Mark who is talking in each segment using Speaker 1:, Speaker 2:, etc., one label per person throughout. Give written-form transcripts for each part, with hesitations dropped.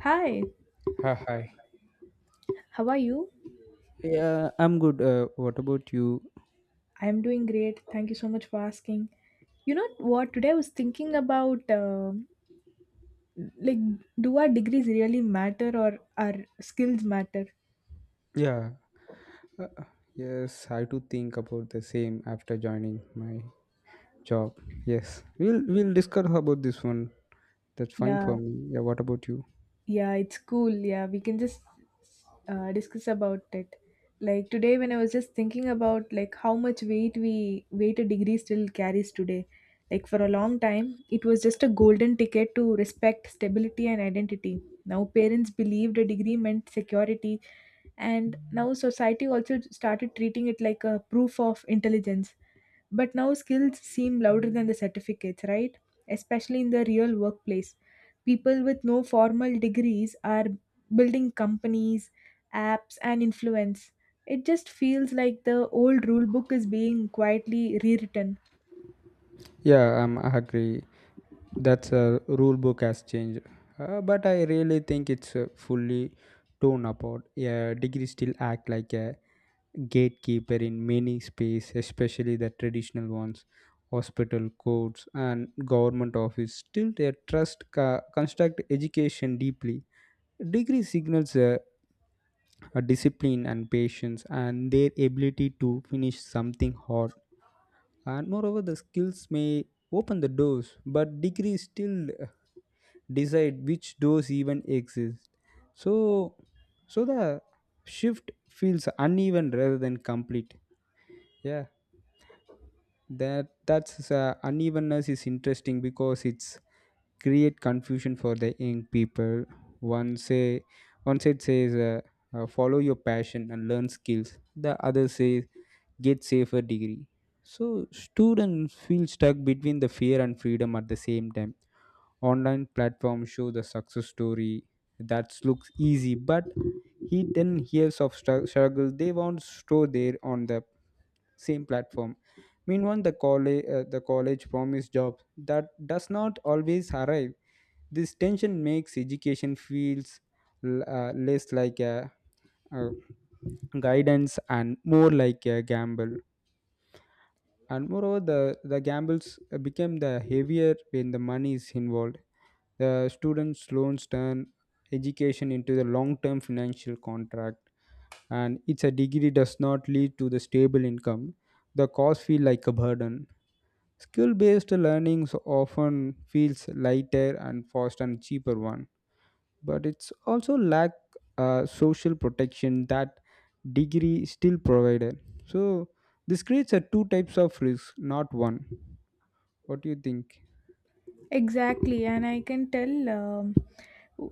Speaker 1: Hi,
Speaker 2: Ha, hi.
Speaker 1: how are you?
Speaker 2: Yeah, I'm good. What about you?
Speaker 1: I'm doing great. Thank you so much for asking. You know what? Today I was thinking about like, do our degrees really matter or our skills matter?
Speaker 2: Yeah. Uh, yes, I too think about the same after joining my job. Yes. We'll discuss about this one. That's fine
Speaker 1: Yeah,
Speaker 2: for me. Yeah, what about you?
Speaker 1: Yeah, it's cool. Yeah, we can just discuss about it. Like today, when I was just thinking about like how much weight we weight a degree still carries today. Like for a long time, it was just a golden ticket to respect, stability, and identity. Now parents believed a degree meant security, and now society also started treating it like a proof of intelligence. But now skills seem louder than the certificates, right? Especially in the real workplace. People with no formal degrees are building companies, apps, and influence. It just feels like the old rule book is being quietly rewritten.
Speaker 2: Yeah, I agree. That's a rule book has changed. But I really think it's fully torn apart. A degree still act like a gatekeeper in many space, especially the traditional ones, hospital, courts, and government office. Still, their trust construct education deeply. Degree signals a discipline and patience, and their ability to finish something hard. And moreover, the skills may open the doors, but degrees still decide which doors even exist. So, so the shift feels uneven rather than complete. Yeah. That's unevenness is interesting because it's create confusion for the young people one say one side says follow your passion and learn skills, the other says get safer degree. So students feel stuck between the fear and freedom at the same time. Online platforms show the success story that looks easy but hidden years of struggle they won't store there on the same platform. Meanwhile, the college promise jobs that does not always arrive. This tension makes education feels less like a guidance and more like a gamble. And moreover, the gambles become the heavier when the money is involved. The students' loans turn education into the long-term financial contract, and it's a degree does not lead to the stable income. The costs feel like a burden. Skill based learning so often feels lighter and fast and cheaper one, but it's also lack social protection that degree still provided. So this creates a two types of risk, not one. What do you think?
Speaker 1: Exactly, and I can tell,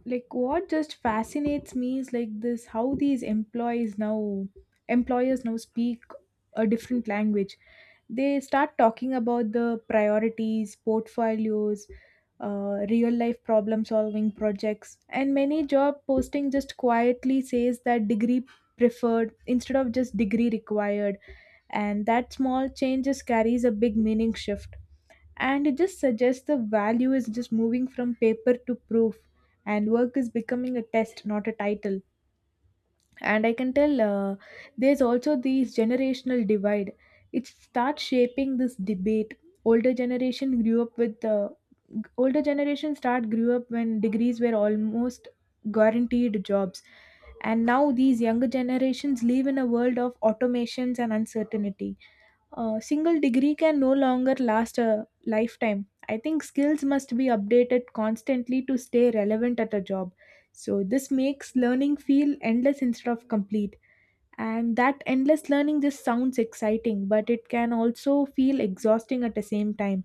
Speaker 1: what just fascinates me is like this how these employers now speak a different language. They start talking about the priorities, portfolios, real life problem solving projects, and many job posting just quietly says that degree preferred instead of just degree required, and that small changes carries a big meaning shift, and it just suggests the value is just moving from paper to proof, and work is becoming a test not a title. And I can tell, there's also this generational divide. It starts shaping this debate. older generation grew up with uh, Older generation start grew up when degrees were almost guaranteed jobs, and now these younger generations live in a world of automations and uncertainty. A single degree can no longer last a lifetime. I think skills must be updated constantly to stay relevant at a job. So, this makes learning feel endless instead of complete. And that endless learning just sounds exciting, but it can also feel exhausting at the same time.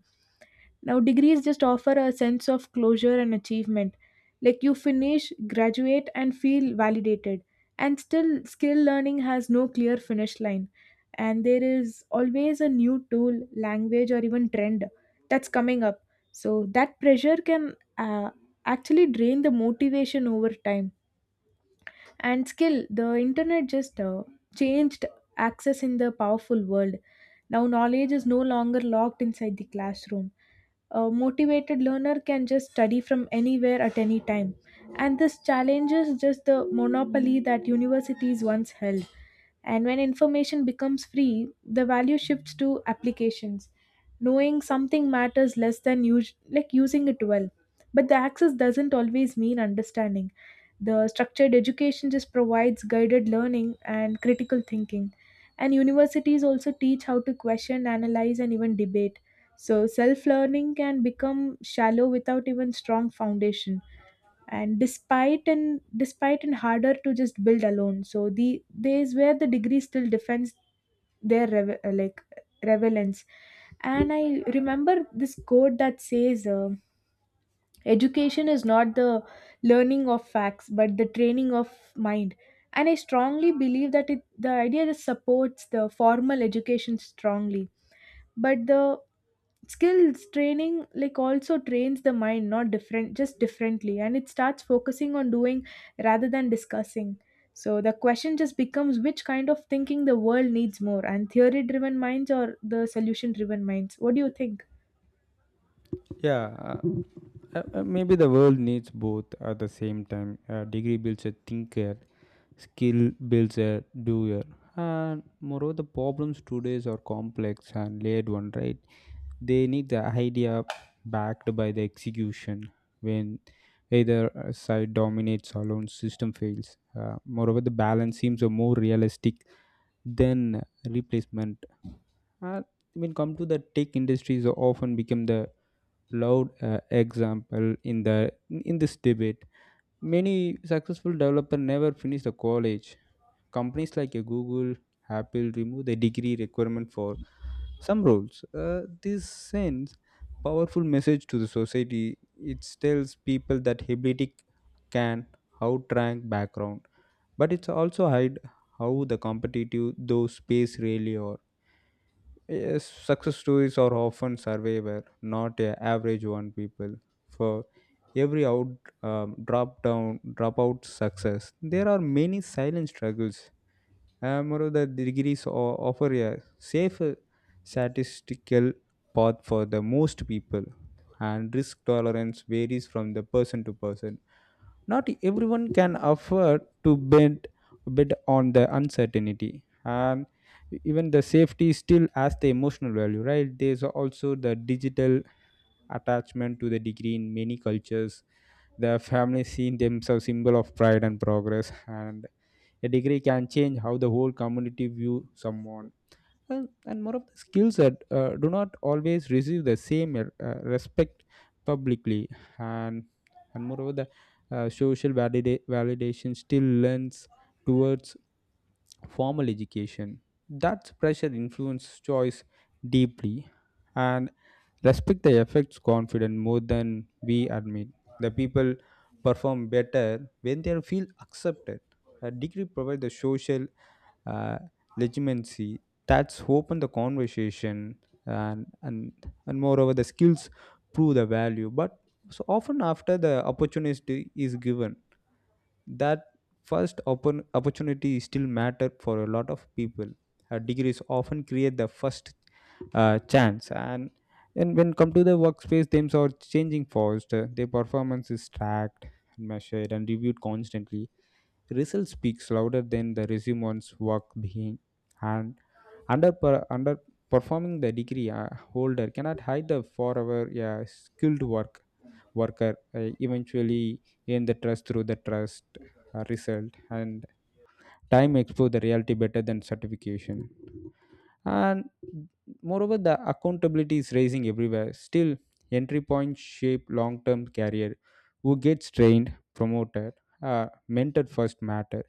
Speaker 1: Now, degrees just offer a sense of closure and achievement. Like you finish, graduate, and feel validated. And still, skill learning has no clear finish line. And there is always a new tool, language, or even trend that's coming up. So, that pressure can actually drain the motivation over time. And skill the internet just changed access in the powerful world. Now knowledge is no longer locked inside the classroom. A motivated learner can just study from anywhere at any time, and this challenges just the monopoly that universities once held. And when information becomes free, the value shifts to applications. Knowing something matters less than like using it well. But the access doesn't always mean understanding. The structured education just provides guided learning and critical thinking. And universities also teach how to question, analyze, and even debate. So self learning can become shallow without even strong foundation, and despite and despite and harder to just build alone. So the days where the degree still defends their like relevance. And I remember this quote that says, education is not the learning of facts but the training of mind. And I strongly believe that it the idea that supports the formal education strongly. But the skills training like also trains the mind, not different just differently, and it starts focusing on doing rather than discussing. So the question just becomes which kind of thinking the world needs more, and theory driven minds or the solution driven minds? What do you think?
Speaker 2: Yeah, maybe the world needs both at the same time. A degree builds a thinker, skill builds a doer. And moreover, the problems today are complex and layered one, right? They need the idea backed by the execution. When either side dominates alone, system fails. Moreover, the balance seems a more realistic than replacement. Uh, when come to the tech industries, often become the loud example in this debate. Many successful developer never finish the college. Companies like Google, Apple remove the degree requirement for some roles. This sends powerful message to the society. It tells people that ability can outrank background, but it's also hide how the competitive those space really are. Yes, success stories are often survivor, not a average one. People for every out drop down dropout success, there are many silent struggles. Moreover, the degrees offer a safer statistical path for the most people, and risk tolerance varies from the person to person. Not everyone can afford to bet on the uncertainty, and even the safety still has the emotional value, right? There's also the digital attachment to the degree in many cultures. The family seen themselves symbol of pride and progress, and a degree can change how the whole community view someone, and more of the skills that do not always receive the same respect publicly. And and moreover the social validation still lends towards formal education. That pressure influences choice deeply, and respect the affects confidence more than we admit. The people perform better when they feel accepted. A degree provides the social uh, legitimacy that's open the conversation. And and and moreover the skills prove the value but so often after the opportunity is given, that first open opportunity still matter for a lot of people. Degrees often create the first chance. And when come to the workspace themselves are changing fast, their performance is tracked, measured and reviewed constantly. Result speaks louder than the resume's work being. And under underperforming the degree holder cannot hide the forever. Skilled worker eventually earn the trust through the trust result, and time expose the reality better than certification. And moreover the accountability is rising everywhere. Still entry points shape long-term career. Who gets trained, promoted, mentored first matter.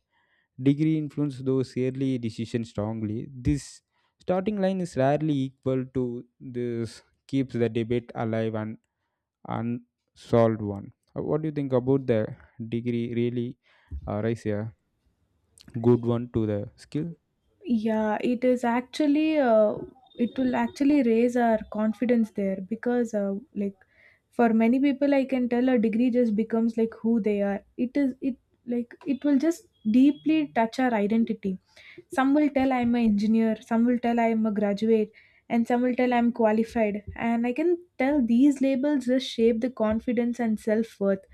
Speaker 2: Degree influence those early decisions strongly. This starting line is rarely equal to this keeps the debate alive and unsolved one. What do you think about the degree really rise a good one to the skill?
Speaker 1: Yeah, it is actually it will actually raise our confidence there, because like for many people I can tell a degree just becomes like who they are. It is it Like it will just deeply touch our identity. Some will tell I'm an engineer, some will tell I'm a graduate, and some will tell I'm qualified. And I can tell these labels just shape the confidence and self worth.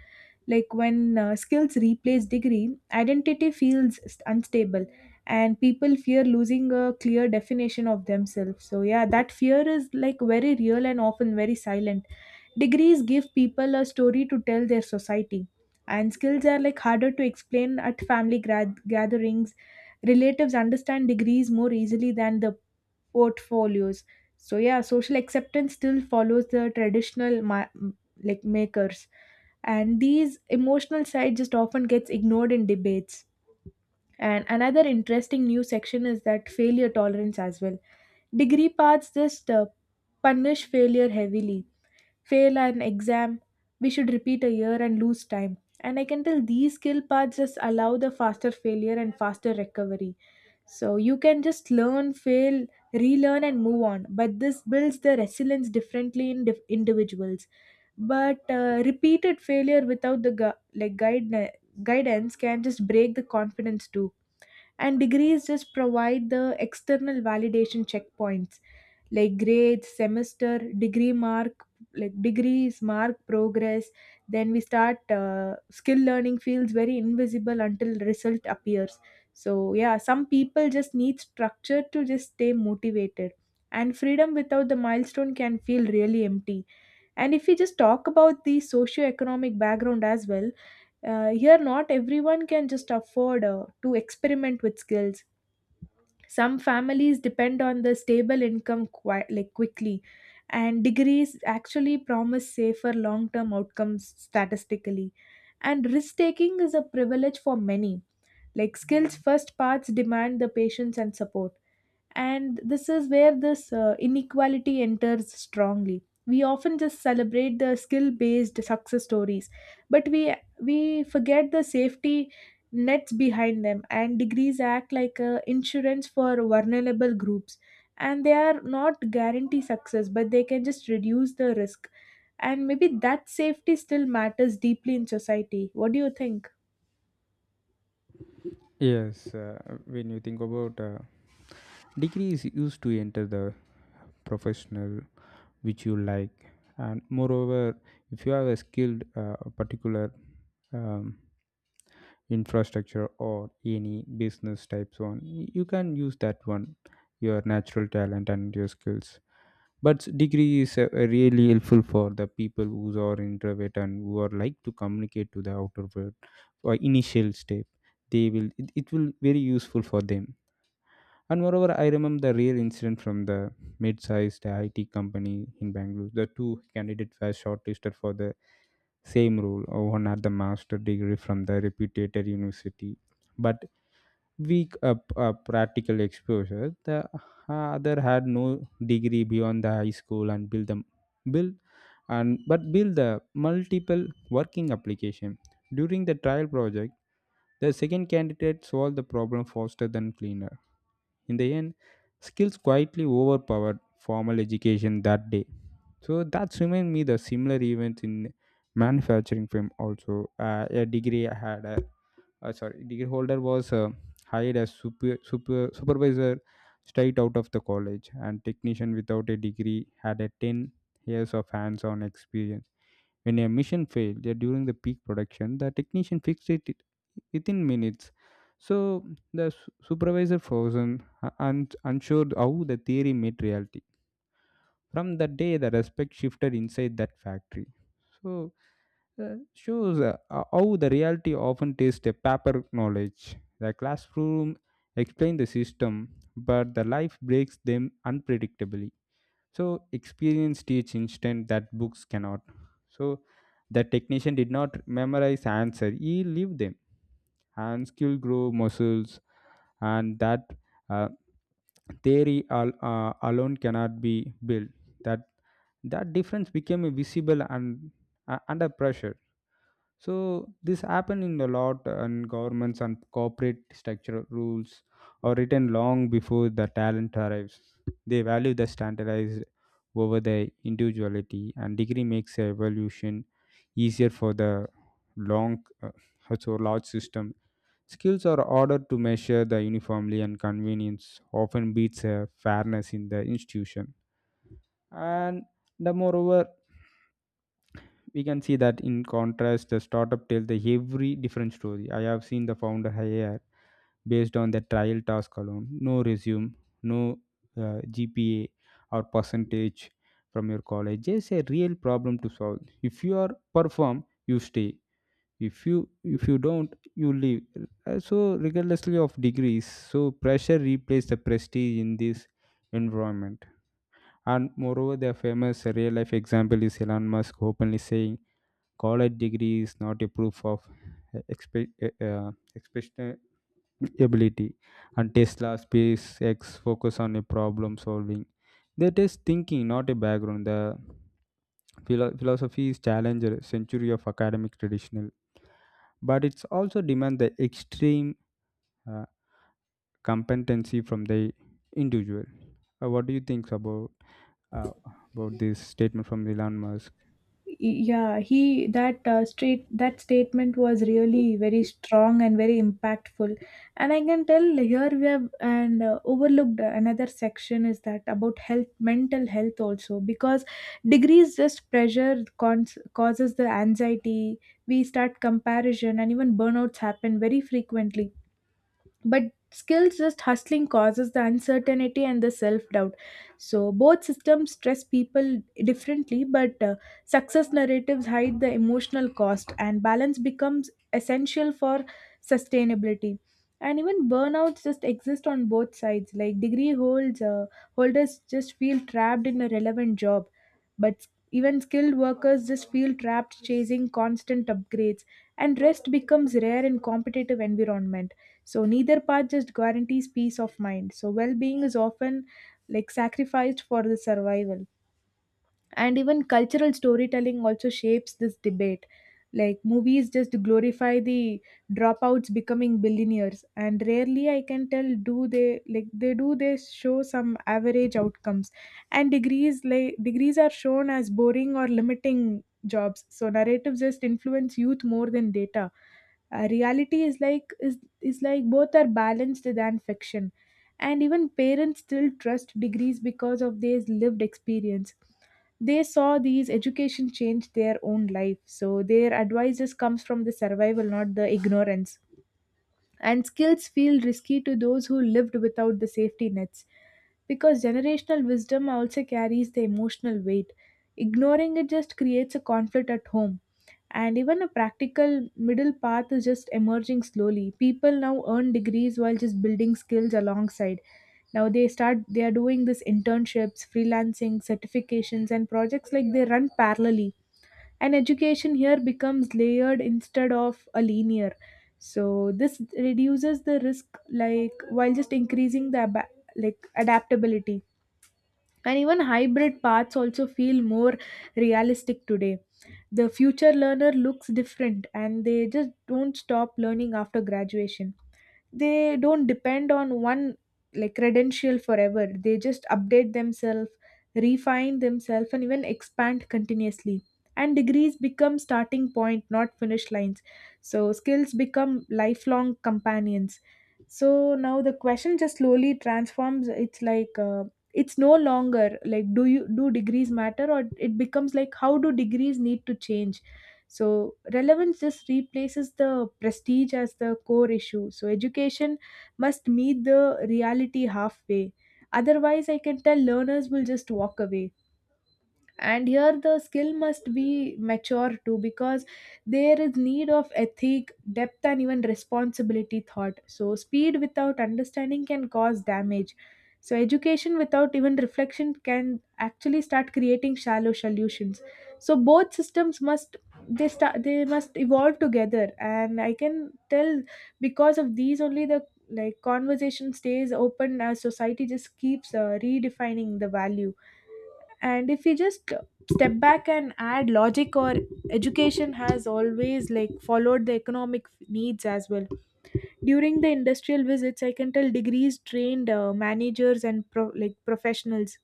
Speaker 1: Like when skills replace degree, identity feels unstable, and people fear losing a clear definition of themselves. So, yeah, that fear is like very real and often very silent. Degrees give people a story to tell their society, and skills are like harder to explain at family gatherings. Relatives understand degrees more easily than the portfolios. So yeah, social acceptance still follows the traditional like makers, and these emotional side just often gets ignored in debates. And another interesting new section is that failure tolerance as well. Degree paths just punish failure heavily. Fail an exam, we should repeat a year and lose time. And I can tell these skill paths just allow the faster failure and faster recovery. So you can just learn, fail, relearn, and move on. But this builds the resilience differently in individuals. But repeated failure without the like guide guidance can just break the confidence too. And degrees just provide the external validation checkpoints, like grades, semester, degree mark. Like degrees mark progress, then we start skill learning feels very invisible until result appears. So yeah, some people just need structure to just stay motivated, and freedom without the milestone can feel really empty. And if we just talk about the socio-economic background as well, here not everyone can just afford to experiment with skills. Some families depend on the stable income quite like quickly, and degrees actually promise safer long-term outcomes statistically. And risk-taking is a privilege for many. Like skills first paths demand the patience and support. And this is where this inequality enters strongly. We often just celebrate the skill based success stories, but we forget the safety nets behind them, and degrees act like insurance for vulnerable groups. And they are not guarantee success, but they can just reduce the risk. And maybe that safety still matters deeply in society. What do you think?
Speaker 2: Yes, when you think about, degree is used to enter the professional which you like. And moreover, if you have a skilled particular um, infrastructure or any business types one, you can use that one, your natural talent and your skills. But degree is really helpful for the people who are introvert and who are like to communicate to the outer world. For initial step, it will very useful for them. And moreover, I remember the real incident from the mid-sized IT company in Bangalore. The two candidates were shortlisted for the same rule. One at the master degree from the reputed university, but weak practical exposure. The other had no degree beyond the high school, and build them build and but build the multiple working application. During the trial project, the second candidate solved the problem faster than cleaner. In the end, skills quietly overpowered formal education that day. So that's remind me the similar event in manufacturing firm also. A degree I had, Sorry, degree holder was hired as supervisor straight out of the college, and technician without a degree had a 10 years of hands-on experience. When a mission failed during the peak production, the technician fixed it within minutes. So the supervisor frozen, unsure how the theory met reality. From that day, the respect shifted inside that factory. So, shows how the reality often tastes a paper knowledge. The classroom explain the system, but the life breaks them unpredictably. So, experience teach instant that books cannot. So, the technician did not memorize answer; he lived them. And skill grow muscles, and that uh, theory alone cannot be built. That that difference became visible and under pressure. So this happened in a lot, and governments and corporate structure rules are written long before the talent arrives. They value the standardized over the individuality, and degree makes evolution easier for the long so large system. Skills are ordered to measure the uniformly, and convenience often beats a fairness in the institution. And the moreover, we can see that in contrast, the startup tells the every different story. I have seen the founder hire based on the trial task alone, no resume, no GPA or percentage from your college. It's a real problem to solve. If you are perform, you stay. If you don't, you leave. So regardlessly of degrees, so pressure replaced the prestige in this environment. And moreover, the famous real life example is Elon Musk openly saying college degree is not a proof of expression ability. And Tesla, SpaceX focus on a problem solving, that is thinking, not a background. The philosophy is challenger century of academic traditional, but it's also demand the extreme uh, competency from the individual. What do you think uh, about this statement from Elon Musk?
Speaker 1: Yeah, he that straight that statement was really very strong and very impactful. And I can tell here we have and overlooked another section is that about health, mental health also, because degrees just pressure causes the anxiety. We start comparison, and even burnouts happen very frequently. But still, just hustling causes the uncertainty and the self-doubt. So both systems stress people differently, but success narratives hide the emotional cost, and balance becomes essential for sustainability. And even burnouts just exist on both sides. Like degree holds holders just feel trapped in a relevant job, but even skilled workers just feel trapped chasing constant upgrades, and rest becomes rare in competitive environment. So neither path just guarantees peace of mind, so well-being is often like sacrificed for the survival. And even cultural storytelling also shapes this debate. Like movies just glorify the dropouts becoming billionaires, and rarely I can tell do they like they do they show some average outcomes. And degrees are shown as boring or limiting jobs, so narratives just influence youth more than data. Reality is both are balanced than fiction. And even parents still trust degrees because of their lived experience. They saw these education change their own life, so their advices comes from the survival not the ignorance. And skills feel risky to those who lived without the safety nets, because generational wisdom also carries the emotional weight. Ignoring it just creates a conflict at home. And even a practical middle path is just emerging slowly. People now earn degrees while just building skills alongside. Now they are doing this internships, freelancing, certifications, and projects, like they run parallelly. And education here becomes layered instead of a linear. So this reduces the risk, like while just increasing the like adaptability. And even hybrid paths also feel more realistic today. The future learner looks different, and they just don't stop learning after graduation. They don't depend on one like credential forever. They just update themselves, refine themselves, and even expand continuously. And degrees become starting point, not finish lines. So skills become lifelong companions. So now the question just slowly transforms. It's like, it's no longer like do you do degrees matter, or it becomes like how do degrees need to change. So relevance just replaces the prestige as the core issue. So education must meet the reality halfway, otherwise I can tell learners will just walk away. And here the skill must be mature too, because there is need of ethic depth and even responsibility thought. So speed without understanding can cause damage. So education without even reflection can actually start creating shallow solutions. So both systems must they must evolve together. And I can tell because of these only the like conversation stays open as society just keeps redefining the value. And if we just step back and add logic, or education has always like followed the economic needs as well. During the industrial visits I can tell degrees trained managers and like professionals.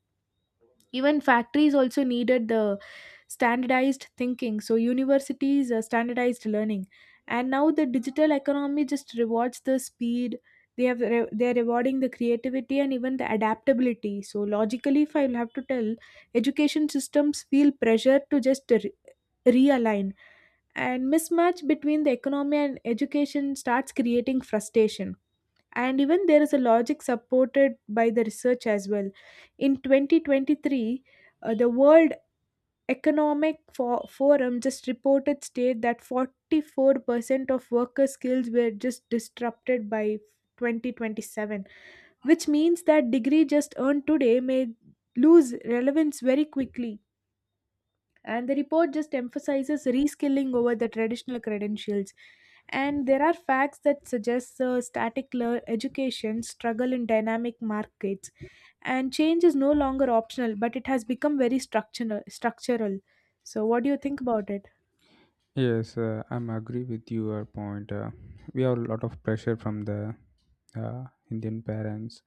Speaker 1: Even factories also needed the standardized thinking, so universities standardized learning. And Now the digital economy just rewards the speed. They're rewarding the creativity and even the adaptability. So logically, if I will have to tell, education systems feel pressure to just realign, and mismatch between the economy and education starts creating frustration. And even there is a logic supported by the research as well. In 2023, the world economic forum just reported state that 44% of worker skills were just disrupted by 2027, which means that degree just earned today may lose relevance very quickly. And the report just emphasizes reskilling over the traditional credentials. And there are facts that suggest static education struggle in dynamic markets. And change is no longer optional, but it has become very structural. So, what do you think about it?
Speaker 2: Yes, I'm agree with your point. We have a lot of pressure from the uh, Indian parents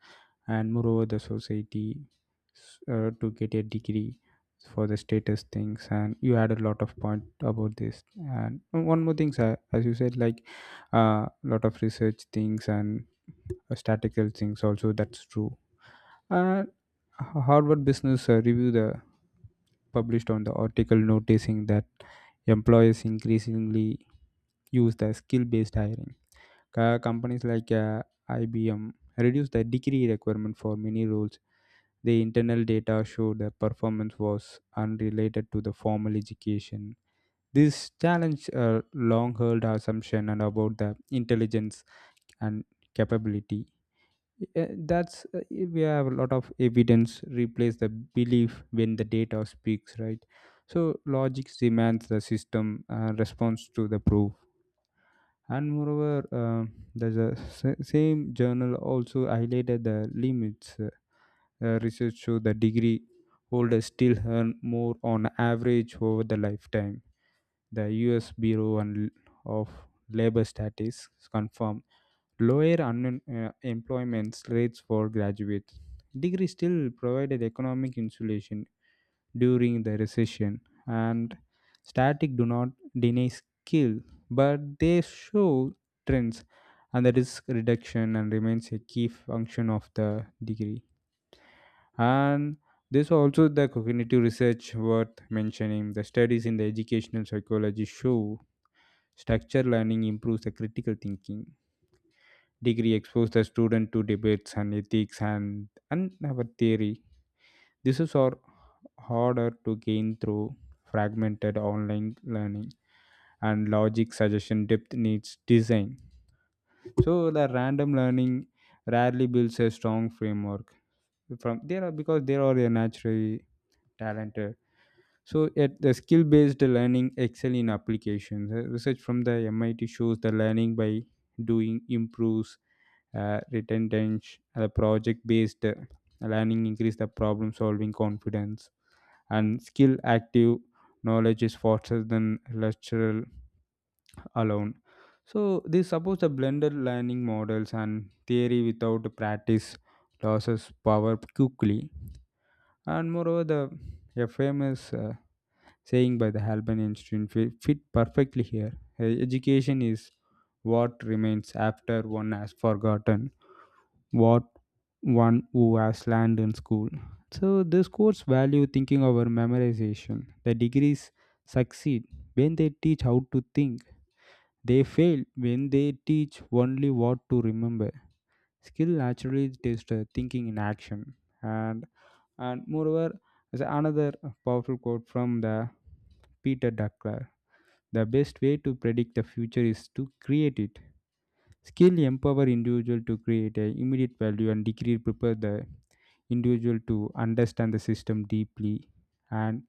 Speaker 2: and moreover the society, to get a degree for the status things. And you had a lot of point about this. And one more thing, sir, as you said, like a lot of research things and statistical things also, that's true. And Harvard Business Review the published on the article noticing that employers increasingly use the skill based hiring. Companies like IBM reduce the degree requirement for many roles. The internal data showed that performance was unrelated to the formal education. This challenge long held assumption and about the intelligence and capability. That's We have a lot of evidence replace the belief when the data speaks, right? So logic demands the system response to the proof. And moreover, there's a same journal also highlighted the limits. Research show the degree holders still earn more on average over the lifetime. The U.S. Bureau of Labor Statistics confirm lower unemployment rates for graduates. Degrees still provided economic insulation during the recession, and static do not deny skill, but they show trends, and the risk reduction and remains a key function of the degree. And there's also the cognitive research worth mentioning. The studies in the educational psychology show structured learning improves the critical thinking. Degree expose the student to debates and ethics and our theory. This is our harder to gain through fragmented online learning. And logic suggestion depth needs design, so the random learning rarely builds a strong framework from there, are because there are a naturally talented. So, at the skill based learning excel in applications. Research from the MIT shows the learning by doing improves retention. The project based learning increase the problem solving confidence, and skill active knowledge is faster than lecturer alone. So, this supports the blended learning models, and theory without practice loses power quickly. And moreover, the FMS saying by the Albert Einstein fit perfectly here. Education is what remains after one has forgotten what one who has learned in school. So this course value thinking over memorization. The degrees succeed when they teach how to think. They fail when they teach only what to remember. Skill naturally tests thinking in action. And and moreover, there's another powerful quote from the Peter Duckler. The best way to predict the future is to create it. Skill empower individual to create a immediate value, and degree prepare the individual to understand the system deeply. And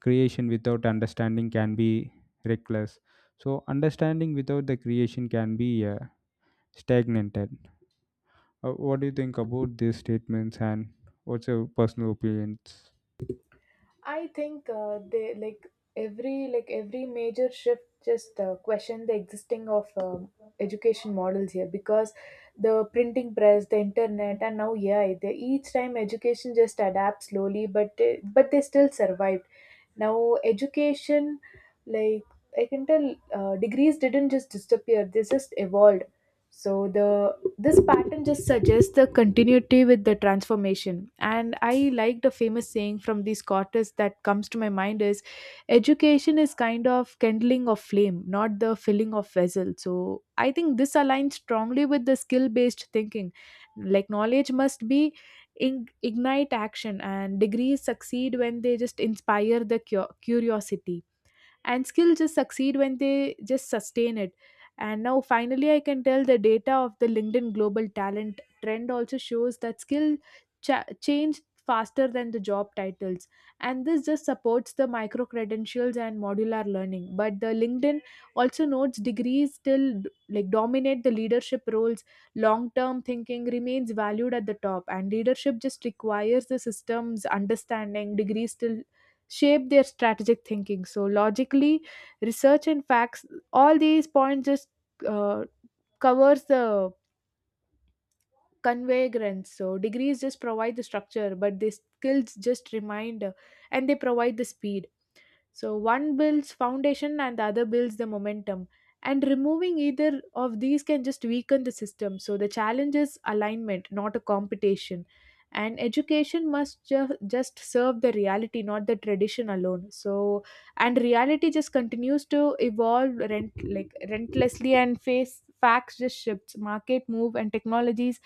Speaker 2: creation without understanding can be reckless. So understanding without the creation can be stagnated. What do you think about these statements, and what's your personal opinions?
Speaker 1: I think they like every major shift just question the existing of education models here, because the printing press, the internet, and now AI. They, each time education just adapts slowly, but they still survive. Now, education, like, I can tell, degrees didn't just disappear; they just evolved. So the this pattern just suggests the continuity with the transformation. And I like the famous saying from the Scottish that comes to my mind is, education is kind of kindling of flame, not the filling of vessel. So I think this aligns strongly with the skill based thinking. Like, knowledge must be ignite action, and degrees succeed when they just inspire the curiosity, and skill just succeed when they just sustain it. And now finally I can tell the data of the LinkedIn global talent trend also shows that skill change faster than the job titles, and this just supports the micro credentials and modular learning. But the LinkedIn also notes degrees still like dominate the leadership roles. Long term thinking remains valued at the top, and leadership just requires the systems understanding. Degrees still shape their strategic thinking. So, logically, research and facts, all these points just uh, covers the convergence. So degrees just provide the structure, but the skills just remind, and they provide the speed. So one builds foundation and the other builds the momentum. And removing either of these can just weaken the system. So the challenge is alignment, not a competition. And education must just serve the reality, not the tradition alone. So, and reality just continues to evolve rent like relentlessly, and face facts just shifts, market move, and technologies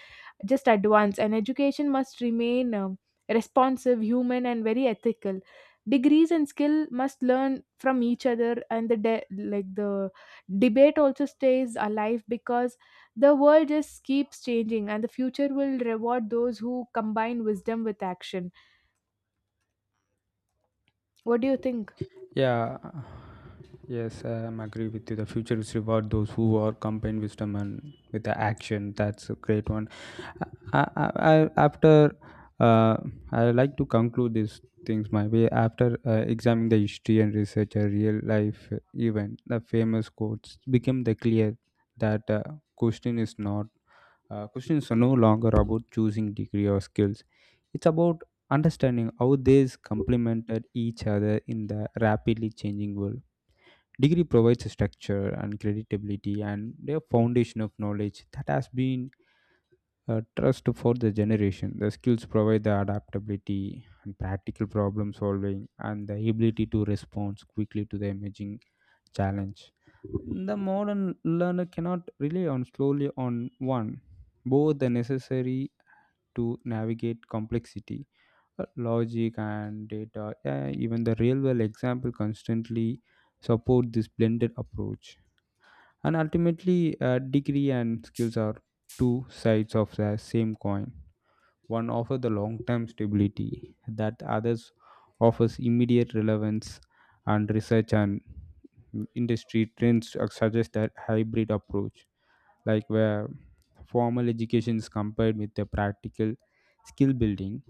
Speaker 1: just advance, and education must remain responsive, human, and very ethical. Degrees and skill must learn from each other, and the debate also stays alive because the world just keeps changing, and the future will reward those who combine wisdom with action. What do you think?
Speaker 2: Yeah, yes, I'm agree with you. The future is reward those who are combined wisdom and with the action. That's a great one. I, I, I, after uh, I like to conclude these things my way. After examining the history and research, a real life event, the famous quotes became the clear that question is not questions are no longer about choosing degree or skills. It's about understanding how these complemented each other in the rapidly changing world. Degree provides a structure and credibility and a foundation of knowledge that has been a trust for the generation. The skills provide the adaptability and practical problem solving and the ability to respond quickly to the emerging challenge. The modern learner cannot rely on slowly on one. Both the necessary to navigate complexity, logic, and data. Yeah, yeah, even the real world example constantly support this blended approach. And ultimately, degree and skills are two sides of the same coin. One offers the long term stability, that others offers immediate relevance. And research and industry trends suggest that hybrid approach, like where formal education is compared with the practical skill building,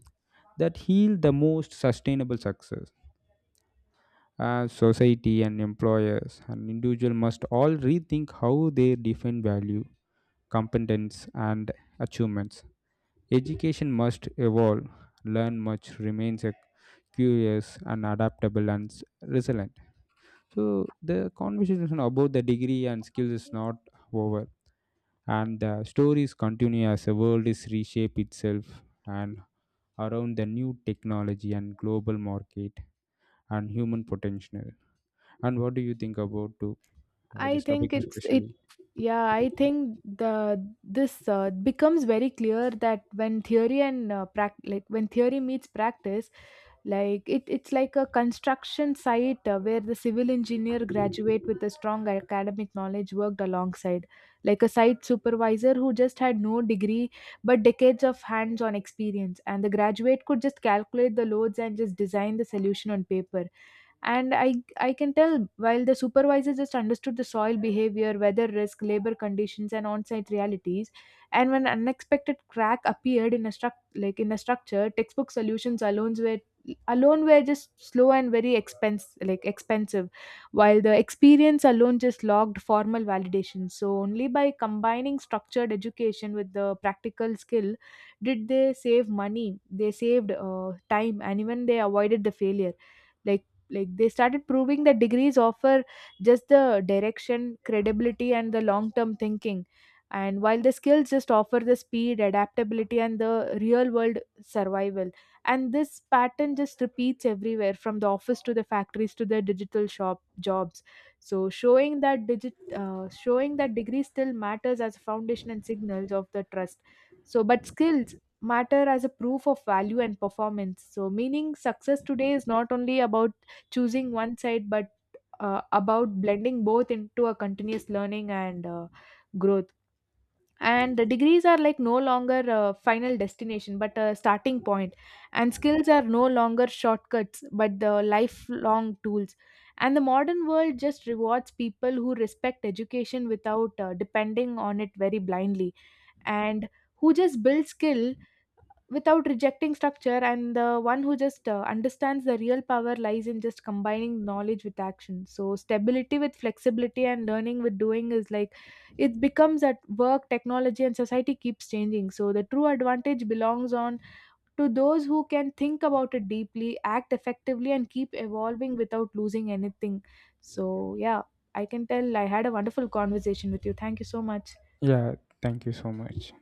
Speaker 2: that yield the most sustainable success. As society and employers and individual must all rethink how they define value, competence, and achievements. Education must evolve, learn much, remains a curious and adaptable and resilient. So the conversation about the degree and skills is not over, and the stories continue as the world is reshape itself and around the new technology and global market and human potential. And what do you think about
Speaker 1: I
Speaker 2: this topic
Speaker 1: think it's it
Speaker 2: especially?
Speaker 1: Yeah, I think the this becomes very clear that when theory and when theory meets practice, like it's like a construction site, where the civil engineer graduate with a strong academic knowledge worked alongside like a site supervisor who just had no degree but decades of hands-on experience, and the graduate could just calculate the loads and just design the solution on paper. And I can tell, while the supervisor just understood the soil behavior, weather risk, labor conditions, and on-site realities. And when unexpected crack appeared in a structure, textbook solutions alone were just slow and very expense like expensive, while the experience alone just logged formal validation. So only by combining structured education with the practical skill, did they save money, they saved time, and even they avoided the failure. Like like they started proving that degrees offer just the direction, credibility, and the long term thinking, and while the skills just offer the speed, adaptability, and the real world survival. And this pattern just repeats everywhere, from the office to the factories to the digital shop jobs. So showing that degree still matters as a foundation and signals of the trust. So but skills matter as a proof of value and performance. So meaning success today is not only about choosing one side, but about blending both into a continuous learning and growth. And the degrees are like no longer a final destination but a starting point, and skills are no longer shortcuts but the lifelong tools. And the modern world just rewards people who respect education without depending on it very blindly, and who just build skill without rejecting structure, and the one who just understands the real power lies in just combining knowledge with action. So stability with flexibility and learning with doing, is like, it becomes at work, technology and society keeps changing. So the true advantage belongs on to those who can think about it deeply, act effectively, and keep evolving without losing anything. So yeah, I can tell I had a wonderful conversation with you. Thank you so much.
Speaker 2: Yeah, thank you so much.